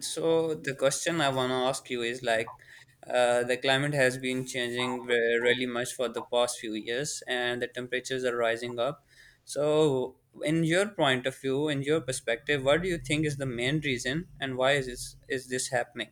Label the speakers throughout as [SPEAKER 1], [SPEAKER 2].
[SPEAKER 1] So the question I want to ask you is like, the climate has been changing really much for the past few years, and the temperatures are rising up. So, in your point of view, in your perspective, what do you think is the main reason, and why is this happening?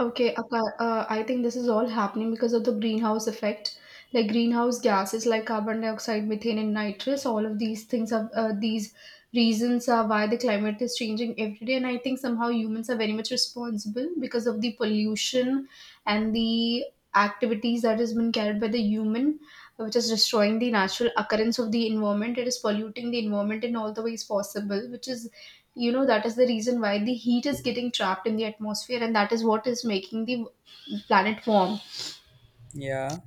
[SPEAKER 2] Okay. I think this is all happening because of the greenhouse effect. Like greenhouse gases like carbon dioxide, methane, and nitrous, all of these things are these reasons are why the climate is changing every day. And I think somehow humans are very much responsible because of the pollution and the activities that has been carried by the human, which is destroying the natural occurrence of the environment. It is polluting the environment in all the ways possible, which is that is the reason why the heat is getting trapped in the atmosphere, and that is what is making the planet warm.
[SPEAKER 1] Yeah,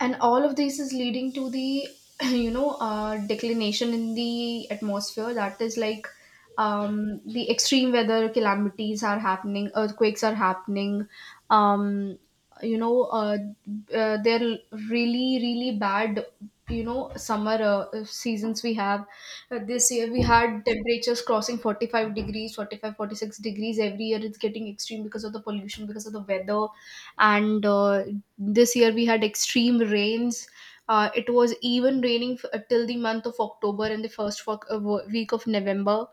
[SPEAKER 2] And all of this is leading to the declination in the atmosphere. That is like, the extreme weather calamities are happening, earthquakes are happening. Um, you know uh, uh, they're really really bad. Summer seasons we have, this year we had temperatures crossing 45 degrees, 45, 46 degrees. Every year it's getting extreme because of the pollution, because of the weather. And this year we had extreme rains. It was even raining till the month of October, and the first week of November.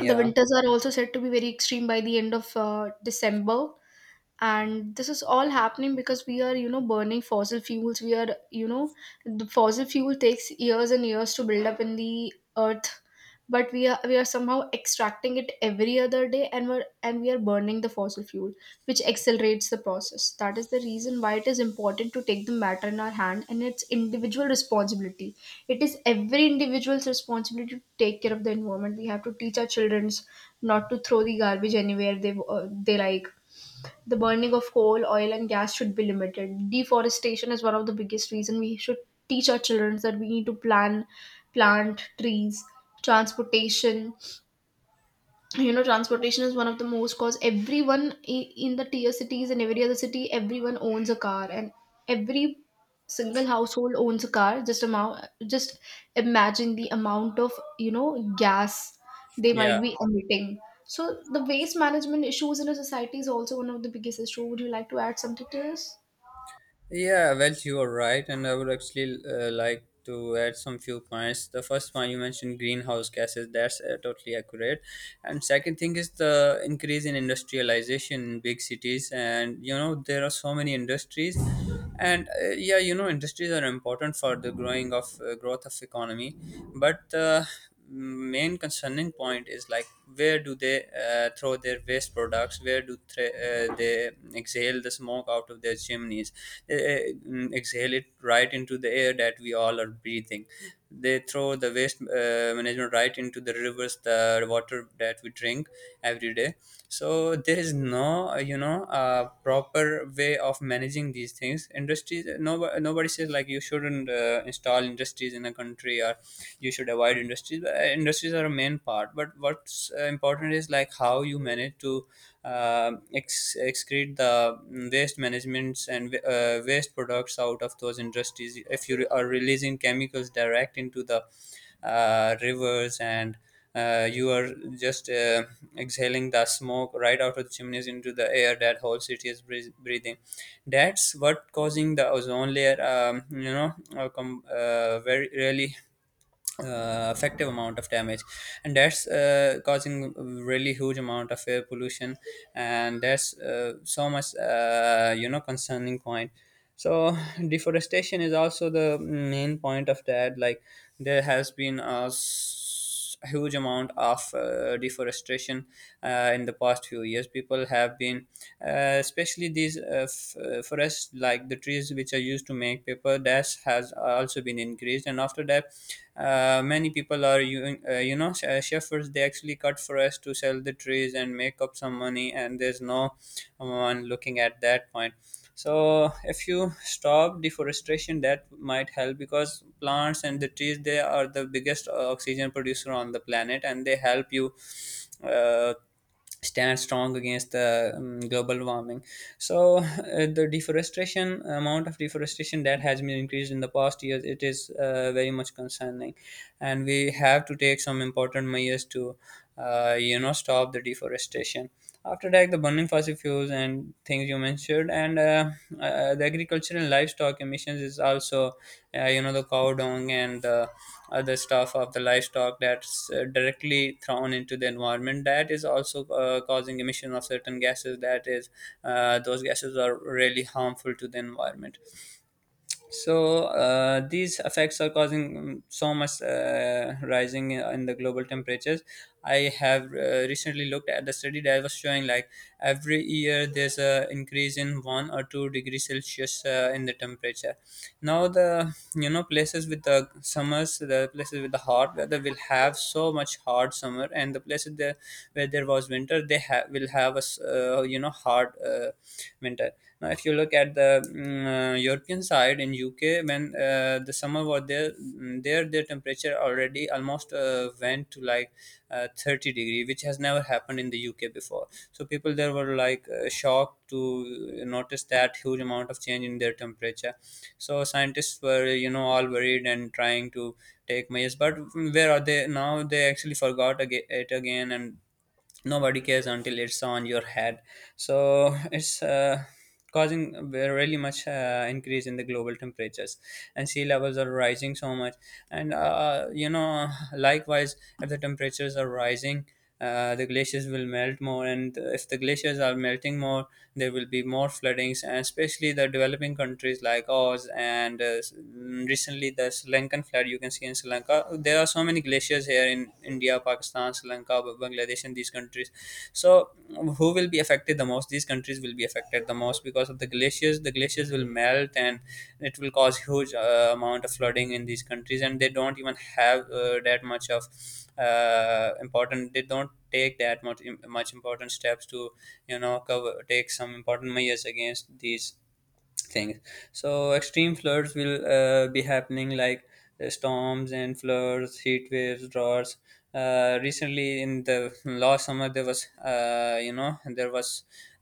[SPEAKER 2] The winters are also said to be very extreme by the end of December. And this is all happening because we are, burning fossil fuels. We are, the fossil fuel takes years and years to build up in the earth, but we are somehow extracting it every other day, and we are burning the fossil fuel, which accelerates the process. That is the reason why it is important to take the matter in our hand, and it's individual responsibility. It is every individual's responsibility to take care of the environment. We have to teach our children not to throw the garbage anywhere they like. The burning of coal, oil, and gas should be limited. Deforestation is one of the biggest reason. We should teach our children that we need to plan, plant trees, transportation. Transportation is one of the most cause. Everyone in the tier cities and every other city, everyone owns a car, and every single household owns a car. Just amount, just imagine the amount of, you know gas they
[SPEAKER 1] yeah.
[SPEAKER 2] might be emitting. So the waste management issues in a society is also one of the biggest issue. Would you like to add something to this?
[SPEAKER 1] Yeah, well, you are right, and I would actually like to add some few points. The first one you mentioned greenhouse gases. That's totally accurate. And second thing is the increase in industrialization in big cities, and there are so many industries, and yeah, industries are important for the growing of growth of economy, but. Main concerning point is like, where do they throw their waste products? Where do they exhale the smoke out of their chimneys? They exhale it right into the air that we all are breathing. They throw the waste management right into the rivers, the water that we drink every day. So there is no proper way of managing these things. Industries, no, nobody says like you shouldn't install industries in a country, or you should avoid industries, but industries are a main part, but what's important is like how you manage to ex- excrete the waste managements and waste products out of those industries. If you are releasing chemicals direct into the rivers, and you are just exhaling the smoke right out of the chimneys into the air that whole city is breathing, that's what causing the ozone layer very really effective amount of damage, and that's causing really huge amount of air pollution. And that's so much concerning point. So deforestation is also the main point of that, like there has been huge amount of deforestation in the past few years. People have been, especially these forests, like the trees which are used to make paper, that has also been increased. And after that, many people are, shepherds, they actually cut forest to sell the trees and make up some money, and there's no one looking at that point. So if you stop deforestation, that might help, because plants and the trees, they are the biggest oxygen producer on the planet, and they help you uh, stand strong against the global warming. So the deforestation amount of deforestation that has been increased in the past years, it is very much concerning, and we have to take some important measures to stop the deforestation. After that, the burning fossil fuels and things you mentioned, and the agricultural and livestock emissions is also, the cow dung and the other stuff of the livestock that's directly thrown into the environment. That is also causing emission of certain gases. That is, those gases are really harmful to the environment. So these effects are causing so much rising in the global temperatures. I have recently looked at the study that was showing like every year there's a increase in 1 or 2 degrees Celsius in the temperature. Now the places with the summers, the places with the hot weather will have so much hot summer, and the places there where there was winter, they will have a hard winter now. If you look at the European side in UK, when the summer was there, there, their temperature already almost went to like 30-degree, which has never happened in the UK before. So people there were like shocked to notice that huge amount of change in their temperature. So scientists were all worried and trying to take measures, but where are they now? They actually forgot it again, and nobody cares until it's on your head. So it's causing really much increase in the global temperatures, and sea levels are rising so much. And likewise, if the temperatures are rising, the glaciers will melt more, and if the glaciers are melting more, there will be more floodings, and especially the developing countries like ours. And recently, the Sri Lankan flood, you can see in Sri Lanka. There are so many glaciers here in India, Pakistan, Sri Lanka, Bangladesh, and these countries. So who will be affected the most? These countries will be affected the most, because of the glaciers. The glaciers will melt, and it will cause huge amount of flooding in these countries, and they don't even have that much of important, they don't take that much important steps to cover take some important measures against these things. So extreme floods will be happening, like storms and floods, heat waves, droughts. Recently, in the last summer, there was uh, you know there was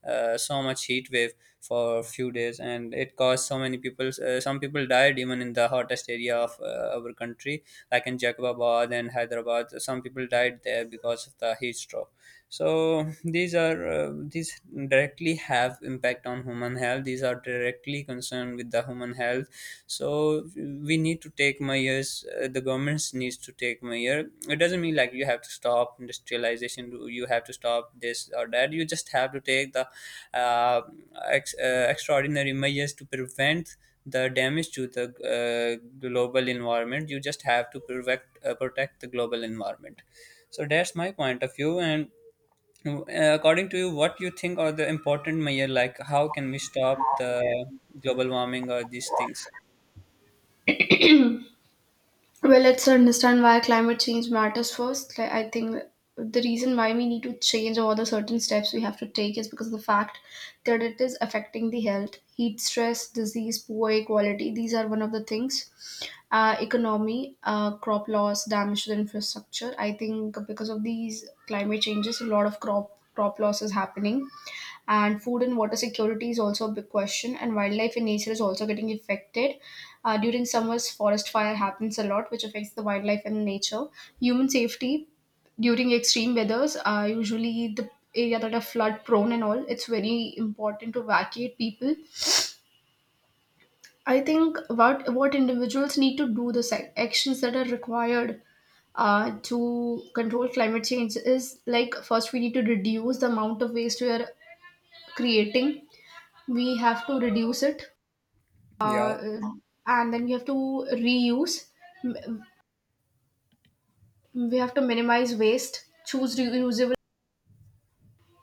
[SPEAKER 1] uh, so much heat wave for a few days, and it caused so many people. Some people died even in the hottest area of our country, like in Jacobabad and Hyderabad. Some people died there because of the heat stroke. So these are these directly have impact on human health. These are directly concerned with the human health. So we need to take measures. The governments needs to take measure. It doesn't mean like you have to stop industrialization, you have to stop this or that. You just have to take the uh, extraordinary measures to prevent the damage to the global environment. You just have to protect the global environment. So that's my point of view. And uh, according to you, what you think are the important measure? Like, how can we stop the global warming or these things?
[SPEAKER 2] Well, let's understand why climate change matters first. Like, I think the reason why we need to change, or the certain steps we have to take, is because of the fact that it is affecting the health: heat stress, disease, poor air quality. These are one of the things. Economy, crop loss, damage to the infrastructure. I think because of these climate changes, a lot of crop loss is happening, and food and water security is also a big question, and wildlife in nature is also getting affected. During summers forest fire happens a lot, which affects the wildlife and nature. Human safety during extreme weathers, usually the area that are flood prone and all, it's very important to evacuate people. I think what individuals need to do, the actions that are required to control climate change, is like, first we need to reduce the amount of waste we are creating. We have to reduce it,
[SPEAKER 1] Yeah,
[SPEAKER 2] uh, and then we have to reuse. M- we have to minimize waste, choose reusable,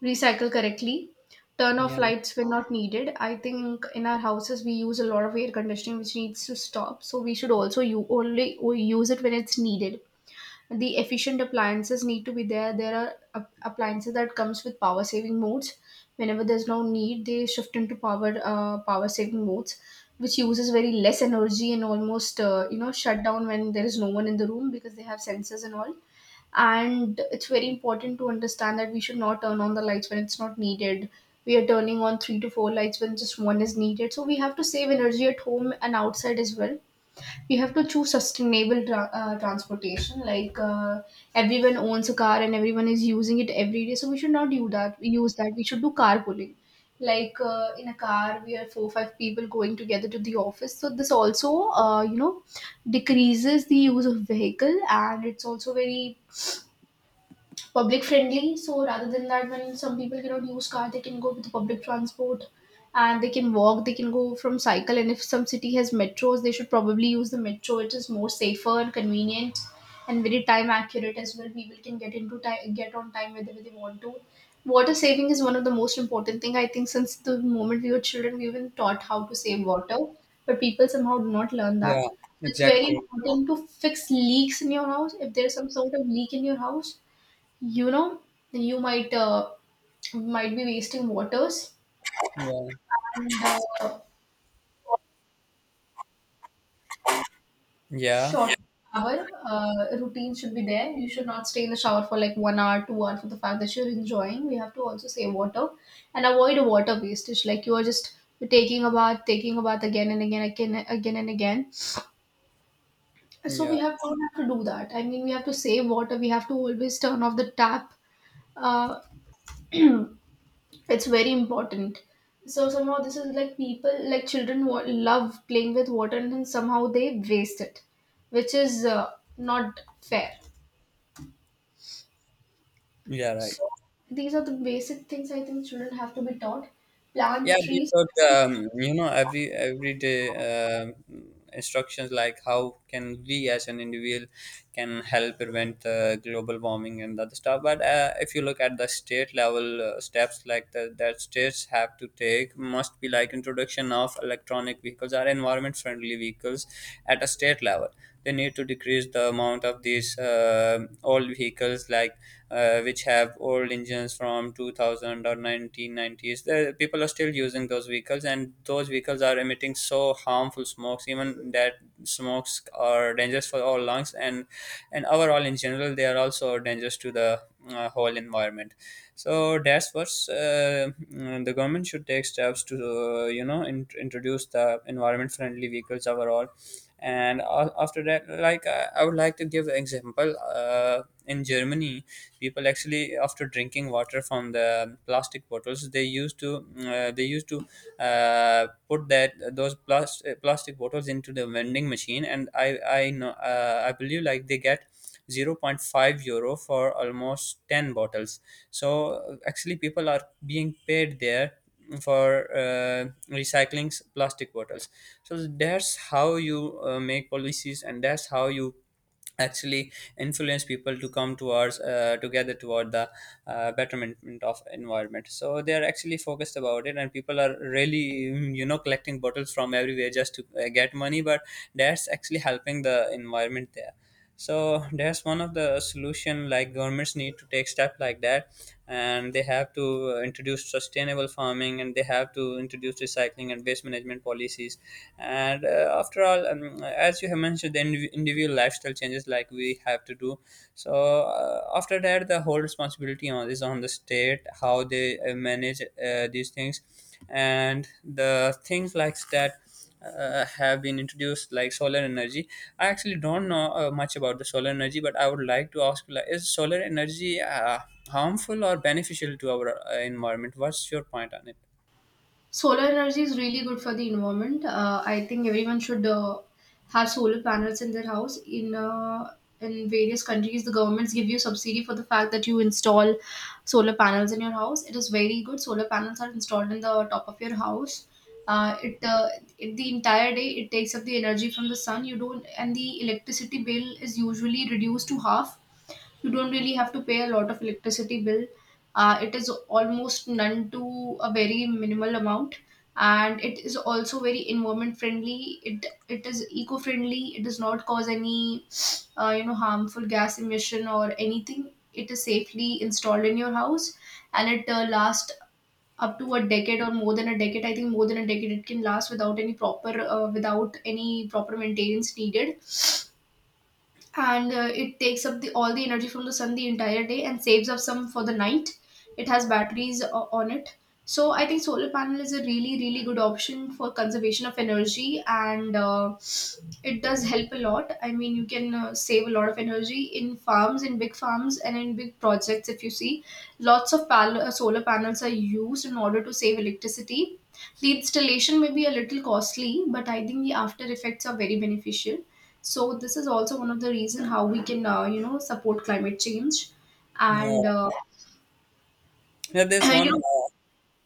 [SPEAKER 2] recycle correctly, turn off
[SPEAKER 1] yeah,
[SPEAKER 2] lights when not needed. I think in our houses we use a lot of air conditioning, which needs to stop, so we should also, you only use it when it's needed. The efficient appliances need to be there. There are appliances that comes with power saving modes. Whenever there's no need, they shift into power saving modes, which uses very less energy, and almost shut down when there is no one in the room because they have sensors and all. And it's very important to understand that we should not turn on the lights when it's not needed. We are turning on three to four lights when just one is needed, so we have to save energy at home and outside as well. We have to choose sustainable transportation, like everyone owns a car and everyone is using it every day, so we should not do that. We use that, we should do carpooling. Like, in a car we are 4 5 people going together to the office, so this also, decreases the use of vehicle, and it's also very public friendly. So rather than that, when some people cannot use car, they can go with public transport, and they can walk, they can go from cycle. And if some city has metros, they should probably use the metro. It is more safer and convenient, and very time accurate as well. People can get into time, get on time whenever they want to. Water saving is one of the most important thing. I think since the moment we were children, we even taught how to save water, but people somehow do not learn that.
[SPEAKER 1] yeah,
[SPEAKER 2] So it's very
[SPEAKER 1] exactly.
[SPEAKER 2] important to fix leaks in your house. If there's some sort of leak in your house, you know you might be wasting waters.
[SPEAKER 1] Yeah,
[SPEAKER 2] And uh,
[SPEAKER 1] yeah,
[SPEAKER 2] short shower routine should be there. You should not stay in the shower for like 1 hour, 2 hours for the fact that you're enjoying. We have to also save water and avoid water wastage, like you are just taking a bath, again and again, again again and again. So
[SPEAKER 1] yeah,
[SPEAKER 2] we have don't have to do that. I mean, we have to save water. We have to always turn off the tap. uh, it's very important. So somehow this is like people, like children, love playing with water, and then somehow they waste it, which is not fair.
[SPEAKER 1] yeah, right.
[SPEAKER 2] So these are the basic things I think children have to be taught. Plant
[SPEAKER 1] Yeah, these
[SPEAKER 2] trees.
[SPEAKER 1] are the, everyday uh, instructions, like how can we as an individual can help prevent the global warming and other stuff. But if you look at the state level steps, like that states have to take, must be like introduction of electronic vehicles, are environment friendly vehicles at a state level. They need to decrease the amount of these old vehicles, like which have old engines from 2000 or 1990s. The people are still using those vehicles, and those vehicles are emitting so harmful smokes, even that smokes are dangerous for our lungs, and overall in general they are also dangerous to the whole environment. So that's what's the government should take steps to introduce the environment friendly vehicles overall. And after that, like I would like to give an example. uh, in Germany, people actually, after drinking water from the plastic bottles, they used to uh, they used to uh, put that those plas- plastic bottles into the vending machine. And I know, I believe, like they get zero point 0.5 euro for almost 10 bottles. So actually people are being paid there for uh, recycling plastic bottles. So that's how you make policies, and that's how you actually influence people to come towards together toward the betterment of environment. So they are actually focused about it, and people are really collecting bottles from everywhere just to get money, but that's actually helping the environment there. So that's one of the solution, like governments need to take step like that. And they have to introduce sustainable farming, and they have to introduce recycling and waste management policies. And after all, as you have mentioned, the individual lifestyle changes like we have to do. So after that, the whole responsibility is on the state, how they manage these things and the things like that. Have been introduced like solar energy. I actually don't know much about the solar energy, but I would like to ask, like, is solar energy harmful or beneficial to our environment? What's your point on it?
[SPEAKER 2] Solar energy is really good for the environment. I think everyone should have solar panels in their house. In various countries, the governments give you subsidy for the fact that you install solar panels in your house. It is very good. Solar panels are installed in the top of your house. Uh, it, uh, it, the entire day it takes up the energy from the sun. You don't, and the electricity bill is usually reduced to half. You don't really have to pay a lot of electricity bill. It is almost none to a very minimal amount, and it is also very environment friendly. It is eco friendly. It does not cause any harmful gas emission or anything. It is safely installed in your house, and it lasts up to a decade or more than a decade. I think more than a decade it can last without any proper without any proper maintenance needed. And it takes up the, all the energy from the sun the entire day, and saves up some for the night. It has batteries on it. So I think solar panel is a really really good option for conservation of energy, and it does help a lot. I mean, you can save a lot of energy in farms, in big farms and in big projects. If you see, lots of solar panels are used in order to save electricity. The installation may be a little costly, but I think the after effects are very beneficial. So this is also one of the reason how we can support climate change and
[SPEAKER 1] Yeah, yeah, there's
[SPEAKER 2] you
[SPEAKER 1] one
[SPEAKER 2] know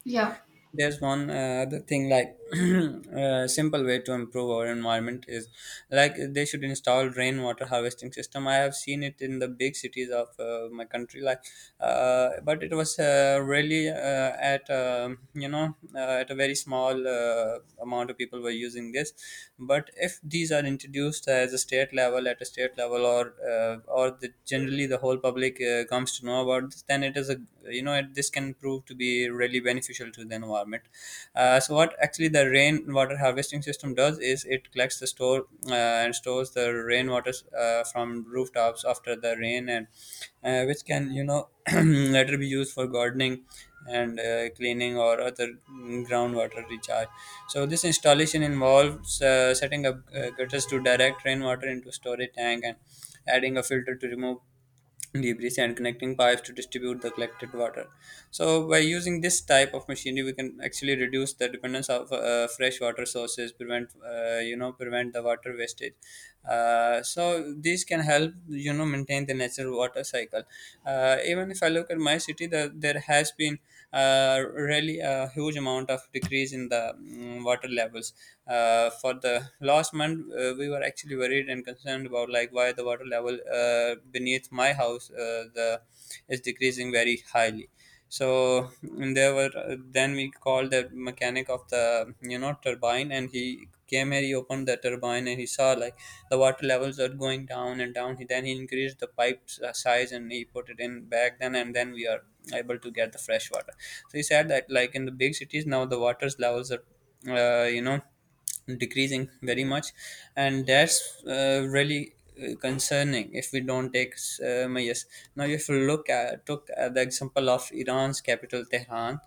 [SPEAKER 2] yeah
[SPEAKER 1] other thing, like a simple way to improve our environment is like they should install rainwater harvesting system. I have seen it in the big cities of my country, like but it was really at you know at a very small amount of people were using this. But if these are introduced as a state level at a state level, or Or the, generally the whole public comes to know about this environment, then it is a you know it, this can prove to be really beneficial to the environment. So what actually the rainwater harvesting system does is it collects the store and stores the rainwater from rooftops after the rain and which can later be used for gardening and cleaning or other groundwater recharge. So this installation involves setting up gutters to direct rainwater into storage tank, and adding a filter to remove debris, and connecting pipes to distribute the collected water. So by using this type of machinery, we can actually reduce the dependence of fresh water sources, prevent prevent the water wastage. So these can help maintain the natural water cycle. Even if I look at my city, there has been really a huge amount of decrease in the water levels. For the last month, we were actually worried and concerned about like why the water level beneath my house the is decreasing very highly. So mm, there were then we called the mechanic of the turbine, and he came here, he opened the turbine, and he saw like the water levels are going down and down. He increased the pipes size and he put it in back, then and then we are able to get the fresh water. So he said that like in the big cities now the water's levels are uh, you know decreasing very much, and that's really concerning if we don't take measures. Now if you look at the example of Iran's capital Tehran,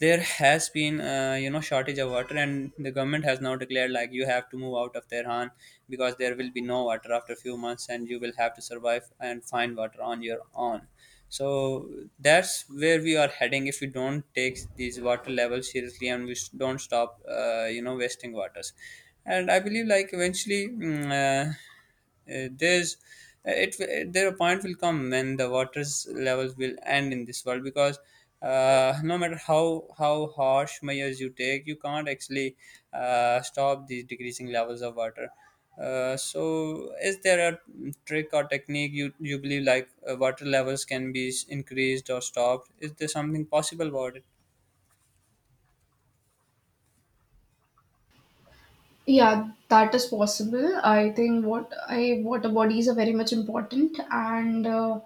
[SPEAKER 1] there has been shortage of water, and the government has now declared like you have to move out of Tehran because there will be no water after a few months and you will have to survive and find water on your own. So that's where we are heading if we don't take these water levels seriously and we don't stop wasting waters. And I believe like eventually mm, there's it there a point will come when the water's levels will end in this world, because no matter how harsh measures you take, you can't actually stop these decreasing levels of water. So is there a trick or technique you believe like water levels can be increased or stopped? Is there something possible about it?
[SPEAKER 2] Yeah, that is possible. I think what I water bodies are very much important, and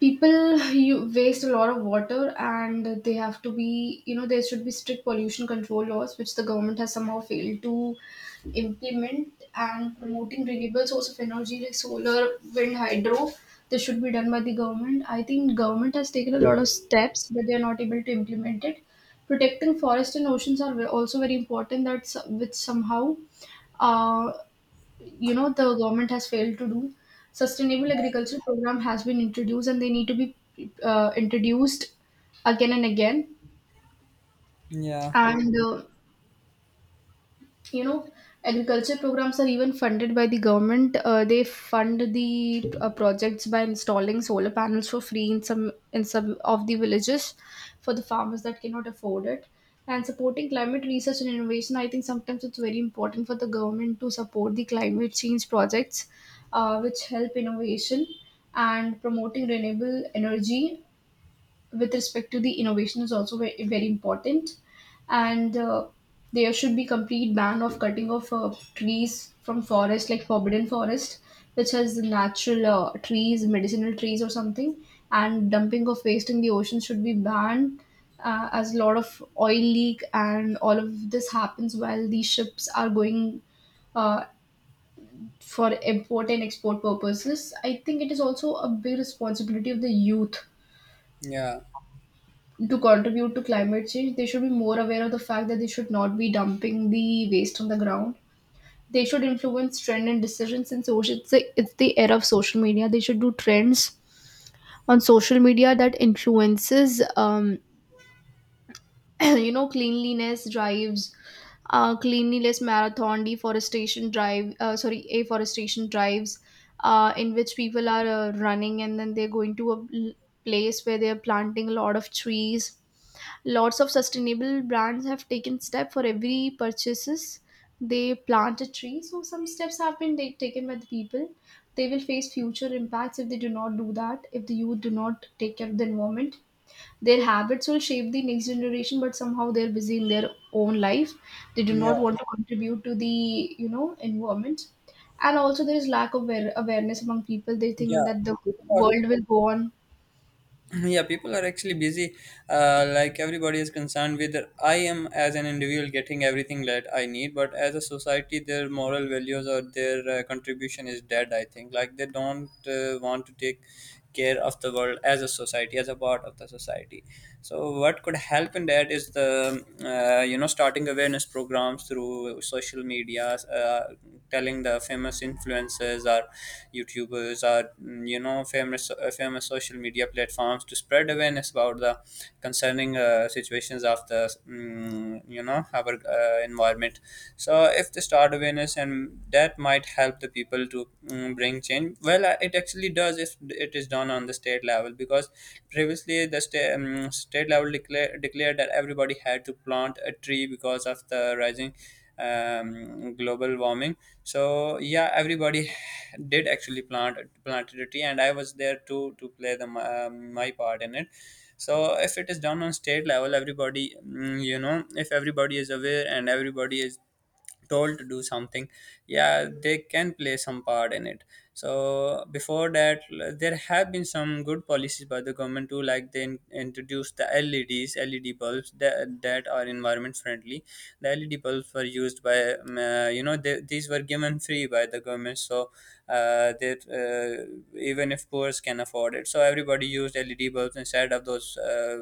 [SPEAKER 2] people you waste a lot of water, and they have to be. There should be strict pollution control laws, which the government has somehow failed to implement, and promoting renewable source of energy like solar, wind, hydro. This should be done by the government. I think government has taken a lot of steps, but they are not able to implement it. Protecting forest and oceans are also very important, that's which somehow uh, the government has failed to do. Sustainable agriculture program has been introduced, and they need to be introduced again and again.
[SPEAKER 1] Yeah.
[SPEAKER 2] And uh, you know agriculture programs are even funded by the government. They fund the projects by installing solar panels for free in some of the villages, for the farmers that cannot afford it. And supporting climate research and innovation, I think sometimes it's very important for the government to support the climate change projects, which help innovation. And promoting renewable energy with respect to the innovation is also very, very important. And there should be complete ban of cutting of trees from forest, like forbidden forest, which has natural trees, medicinal trees, or something. And dumping of waste in the ocean should be banned, as a lot of oil leak and all of this happens while these ships are going uh, for import and export purposes. I think it is also a big responsibility of the youth
[SPEAKER 1] Yeah.
[SPEAKER 2] to contribute to climate change. They should be more aware of the fact that they should not be dumping the waste on the ground. They should influence trend and decisions in social. It's the era of social media. They should do trends on social media that influences, cleanliness drives, cleanliness marathon, deforestation drive. Sorry, afforestation drives, in which people are running, and then they're going to a place where they're planting a lot of trees. Lots of sustainable brands have taken step for every purchases. They plant a tree, so some steps have been taken by the people. They will face future impacts if they do not do that. If the youth do not take care of the environment, their habits will shape the next generation. But somehow they're busy in their own life. They do
[SPEAKER 1] Yeah,
[SPEAKER 2] not want to contribute to the environment. And also there is lack of awareness among people. They think
[SPEAKER 1] yeah.
[SPEAKER 2] that the
[SPEAKER 1] People are
[SPEAKER 2] world will go on.
[SPEAKER 1] yeah, people are actually busy, like everybody is concerned with I am as an individual getting everything that I need, but as a society their moral values or their contribution is dead. I think like they don't want to take care of the world as a society, as a part of the society. So what could help in that is the starting awareness programs through social media, telling the famous influencers or youtubers or famous social media platforms to spread awareness about the concerning situations of the our environment. So if they start awareness and that might help the people to bring change. Well it actually does if it is done on the state level, because previously the state state level declared that everybody had to plant a tree because of the rising global warming. So yeah, everybody did actually planted a tree, and I was there too to play the my part in it. So if it is done on state level, everybody if everybody is aware and everybody is told to do something, yeah, they can play some part in it. So before that, there have been some good policies by the government too, like they introduced the LED bulbs that are environment friendly. The LED bulbs were used by, these were given free by the government, so that even if poor can afford it, so everybody used LED bulbs instead of those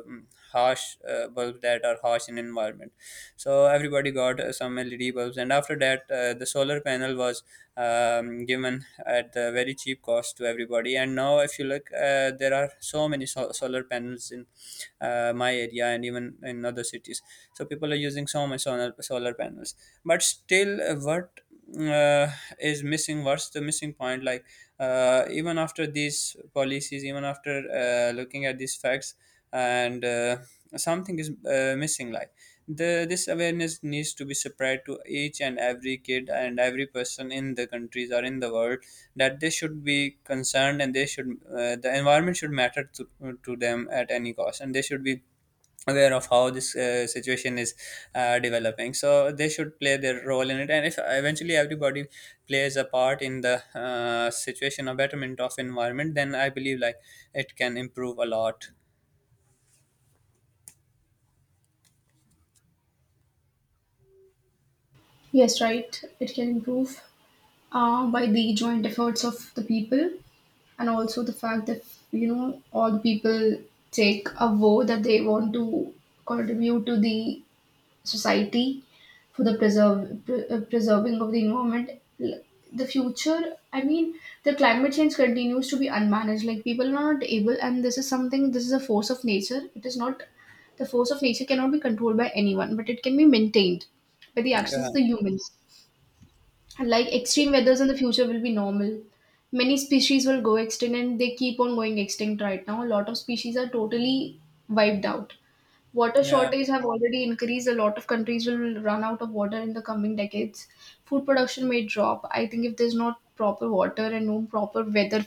[SPEAKER 1] harsh bulbs that are harsh in environment. So everybody got some led bulbs, and after that the solar panel was given at the very cheap cost to everybody, and now if you look there are so many solar panels in my area and even in other cities. So people are using so much solar panels, but still what uh, is missing. What's the missing point? Like even after these policies, even after looking at these facts and something is missing. Like the this awareness needs to be spread to each and every kid and every person in the countries or in the world, that they should be concerned and they should the environment should matter to them at any cost, and they should be aware of how this situation is developing, so they should play their role in it. And if eventually everybody plays a part in the situation or betterment of environment, then I believe like it can improve a lot.
[SPEAKER 2] Yes, right, it can improve by the joint efforts of the people, and also the fact that all the people take a vow that they want to contribute to the society for the preserving of the environment. The future, I mean, the climate change continues to be unmanaged, like people are not able. And this is something, this is a force of nature, it is not. The force of nature cannot be controlled by anyone, but it can be maintained by the actions
[SPEAKER 1] Yeah,
[SPEAKER 2] of the humans, like extreme weathers in the future will be normal. Many species will go extinct, and they keep on going extinct right now. A lot of species are totally wiped out. Water
[SPEAKER 1] yeah,
[SPEAKER 2] shortages have already increased. A lot of countries will run out of water in the coming decades. Food production may drop. I think if there's not proper water and no proper weather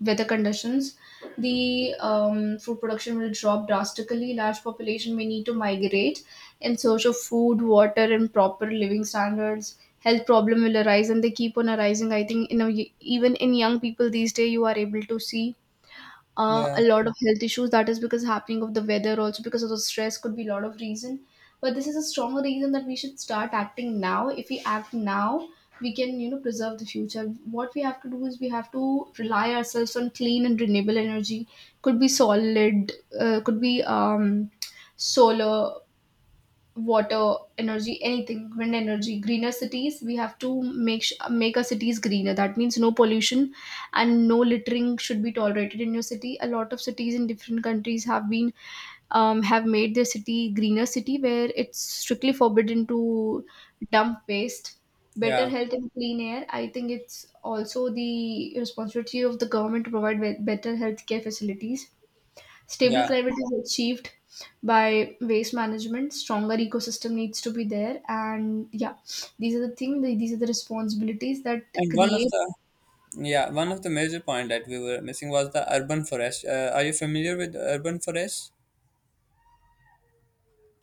[SPEAKER 2] weather conditions, the food production will drop drastically. Large population may need to migrate in search of food, water, and proper living standards. Health problem will arise, and they keep on arising. I think in a, even in young people these days, you are able to see
[SPEAKER 1] yeah,
[SPEAKER 2] a lot of health issues. That is because happening of the weather, also because of the stress, could be a lot of reason. But this is a strong reason that we should start acting now. If we act now, we can preserve the future. What we have to do is we have to rely ourselves on clean and renewable energy. Could be solid, could be solar, water energy, anything, wind energy. Greener cities, we have to make make our cities greener. That means no pollution, and no littering should be tolerated in your city. A lot of cities in different countries have been have made their city greener city, where it's strictly forbidden to dump waste. Better
[SPEAKER 1] yeah,
[SPEAKER 2] health and clean air, I think it's also the responsibility of the government to provide better healthcare facilities. Stable
[SPEAKER 1] yeah.
[SPEAKER 2] climate is achieved by waste management. Stronger ecosystem needs to be there, and yeah, these are the thing. These are the responsibilities that
[SPEAKER 1] And one of
[SPEAKER 2] create.
[SPEAKER 1] the yeah, one of the major point that we were missing was the urban forest. Are you familiar with urban forest?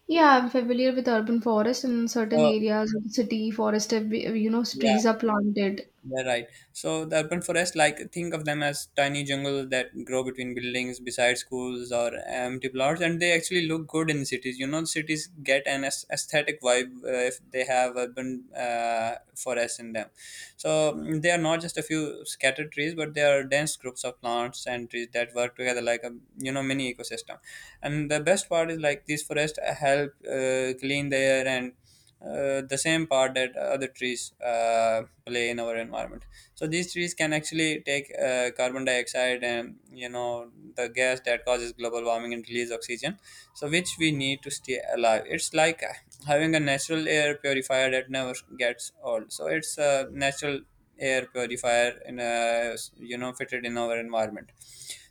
[SPEAKER 2] Yeah, I'm familiar with urban forest. In certain
[SPEAKER 1] So
[SPEAKER 2] areas of the city forest, have
[SPEAKER 1] yeah.
[SPEAKER 2] trees are planted.
[SPEAKER 1] Yeah, right. So the urban forest, like think of them as tiny jungles that grow between buildings, beside schools or empty plots, and they actually look good in cities. You know, cities get an aesthetic vibe if they have urban forests in them. So they are not just a few scattered trees, but they are dense groups of plants and trees that work together like a mini ecosystem. And the best part is like these forests help clean the air, and the same part that other trees play in our environment. So these trees can actually take carbon dioxide, and you know, the gas that causes global warming, and release oxygen, so which we need to stay alive. It's like having a natural air purifier that never gets old. So it's a natural air purifier in a fitted in our environment.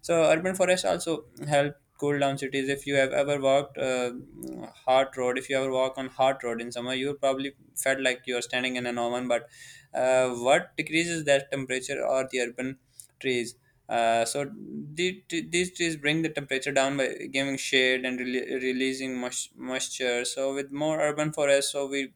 [SPEAKER 1] So urban forests also help cool down cities. If you have ever walked hard road, If you ever walk on hard road in summer, you probably felt like you are standing in an oven, but what decreases that temperature are the urban trees. So these trees bring the temperature down by giving shade and releasing moisture. So with more urban forests, so we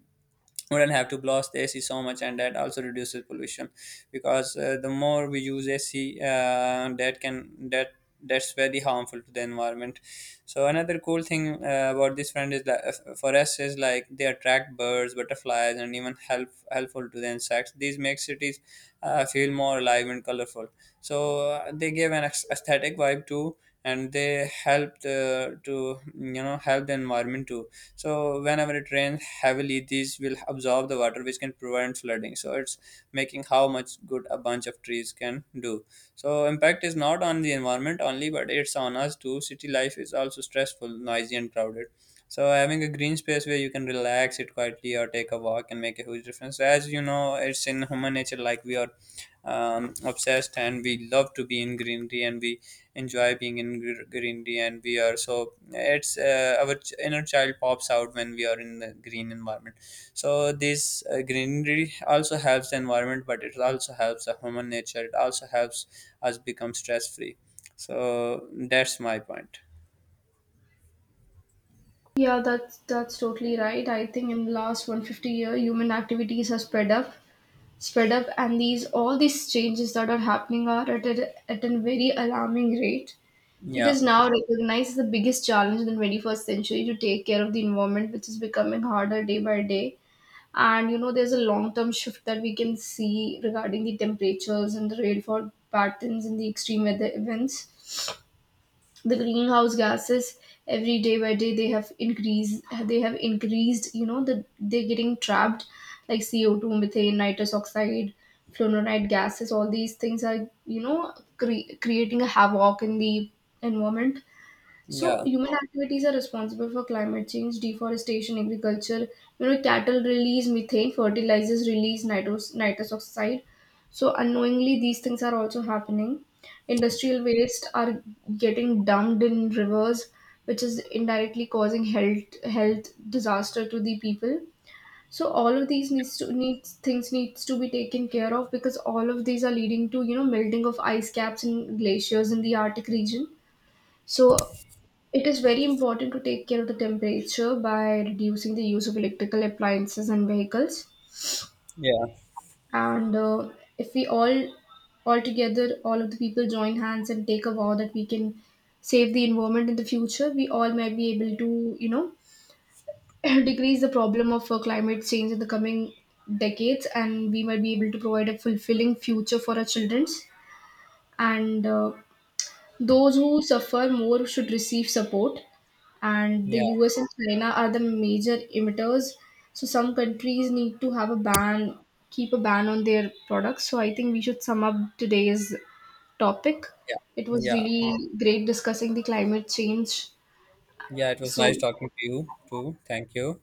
[SPEAKER 1] wouldn't have to blast the AC so much, and that also reduces pollution. Because the more we use AC, that can that that's very harmful to the environment. So another cool thing about this friend is that for us is like they attract birds, butterflies, and even helpful to the insects. These make cities feel more alive and colorful. So they give an aesthetic vibe too, and they help the to help the environment too. So whenever it rains heavily, these will absorb the water, which can prevent flooding. So it's making how much good a bunch of trees can do. So impact is not on the environment only, but it's on us too. City life is also stressful, noisy, and crowded. So having a green space where you can relax, sit quietly, or take a walk can make a huge difference. As you know, it's in human nature. Like we are obsessed and we love to be in greenery, and we enjoy being in greenery, and we are so it's inner child pops out when we are in the green environment. So this greenery also helps the environment, but it also helps the human nature, it also helps us become stress free. So that's my point.
[SPEAKER 2] Yeah, that's totally right. I think in the last 150-year, human activities have and these, all these changes that are happening are at a very alarming rate. It
[SPEAKER 1] Yeah,
[SPEAKER 2] is now recognized as the biggest challenge in the 21st century to take care of the environment, which is becoming harder day by day. And you know, there's a long term shift that we can see regarding the temperatures and the rainfall patterns and the extreme weather events. The greenhouse gases every day by day they have increased. They have increased. You know, the they're getting trapped, like CO two, methane, nitrous oxide, fluoride gases. All these things are creating a havoc in the environment. So
[SPEAKER 1] yeah,
[SPEAKER 2] human activities are responsible for climate change, deforestation, agriculture. You know, cattle release methane, fertilizers release nitrous oxide. So unknowingly, these things are also happening. Industrial waste are getting dumped in rivers, which is indirectly causing health disaster to the people. So all of these needs to be taken care of, because all of these are leading to melting of ice caps and glaciers in the Arctic region. So it is very important to take care of the temperature by reducing the use of electrical appliances and vehicles.
[SPEAKER 1] yeah,
[SPEAKER 2] And if we all together, all of the people join hands and take a vow that we can save the environment in the future, we all might be able to, decrease the problem of climate change in the coming decades, and we might be able to provide a fulfilling future for our children. And those who suffer more should receive support, and the
[SPEAKER 1] yeah,
[SPEAKER 2] US and China are the major emitters. So some countries need to have a ban, keep a ban on their products. So I think we should sum up today's topic.
[SPEAKER 1] yeah,
[SPEAKER 2] It was
[SPEAKER 1] yeah.
[SPEAKER 2] really great discussing the climate change.
[SPEAKER 1] Yeah, it was nice
[SPEAKER 2] So
[SPEAKER 1] talking to you too. Thank you.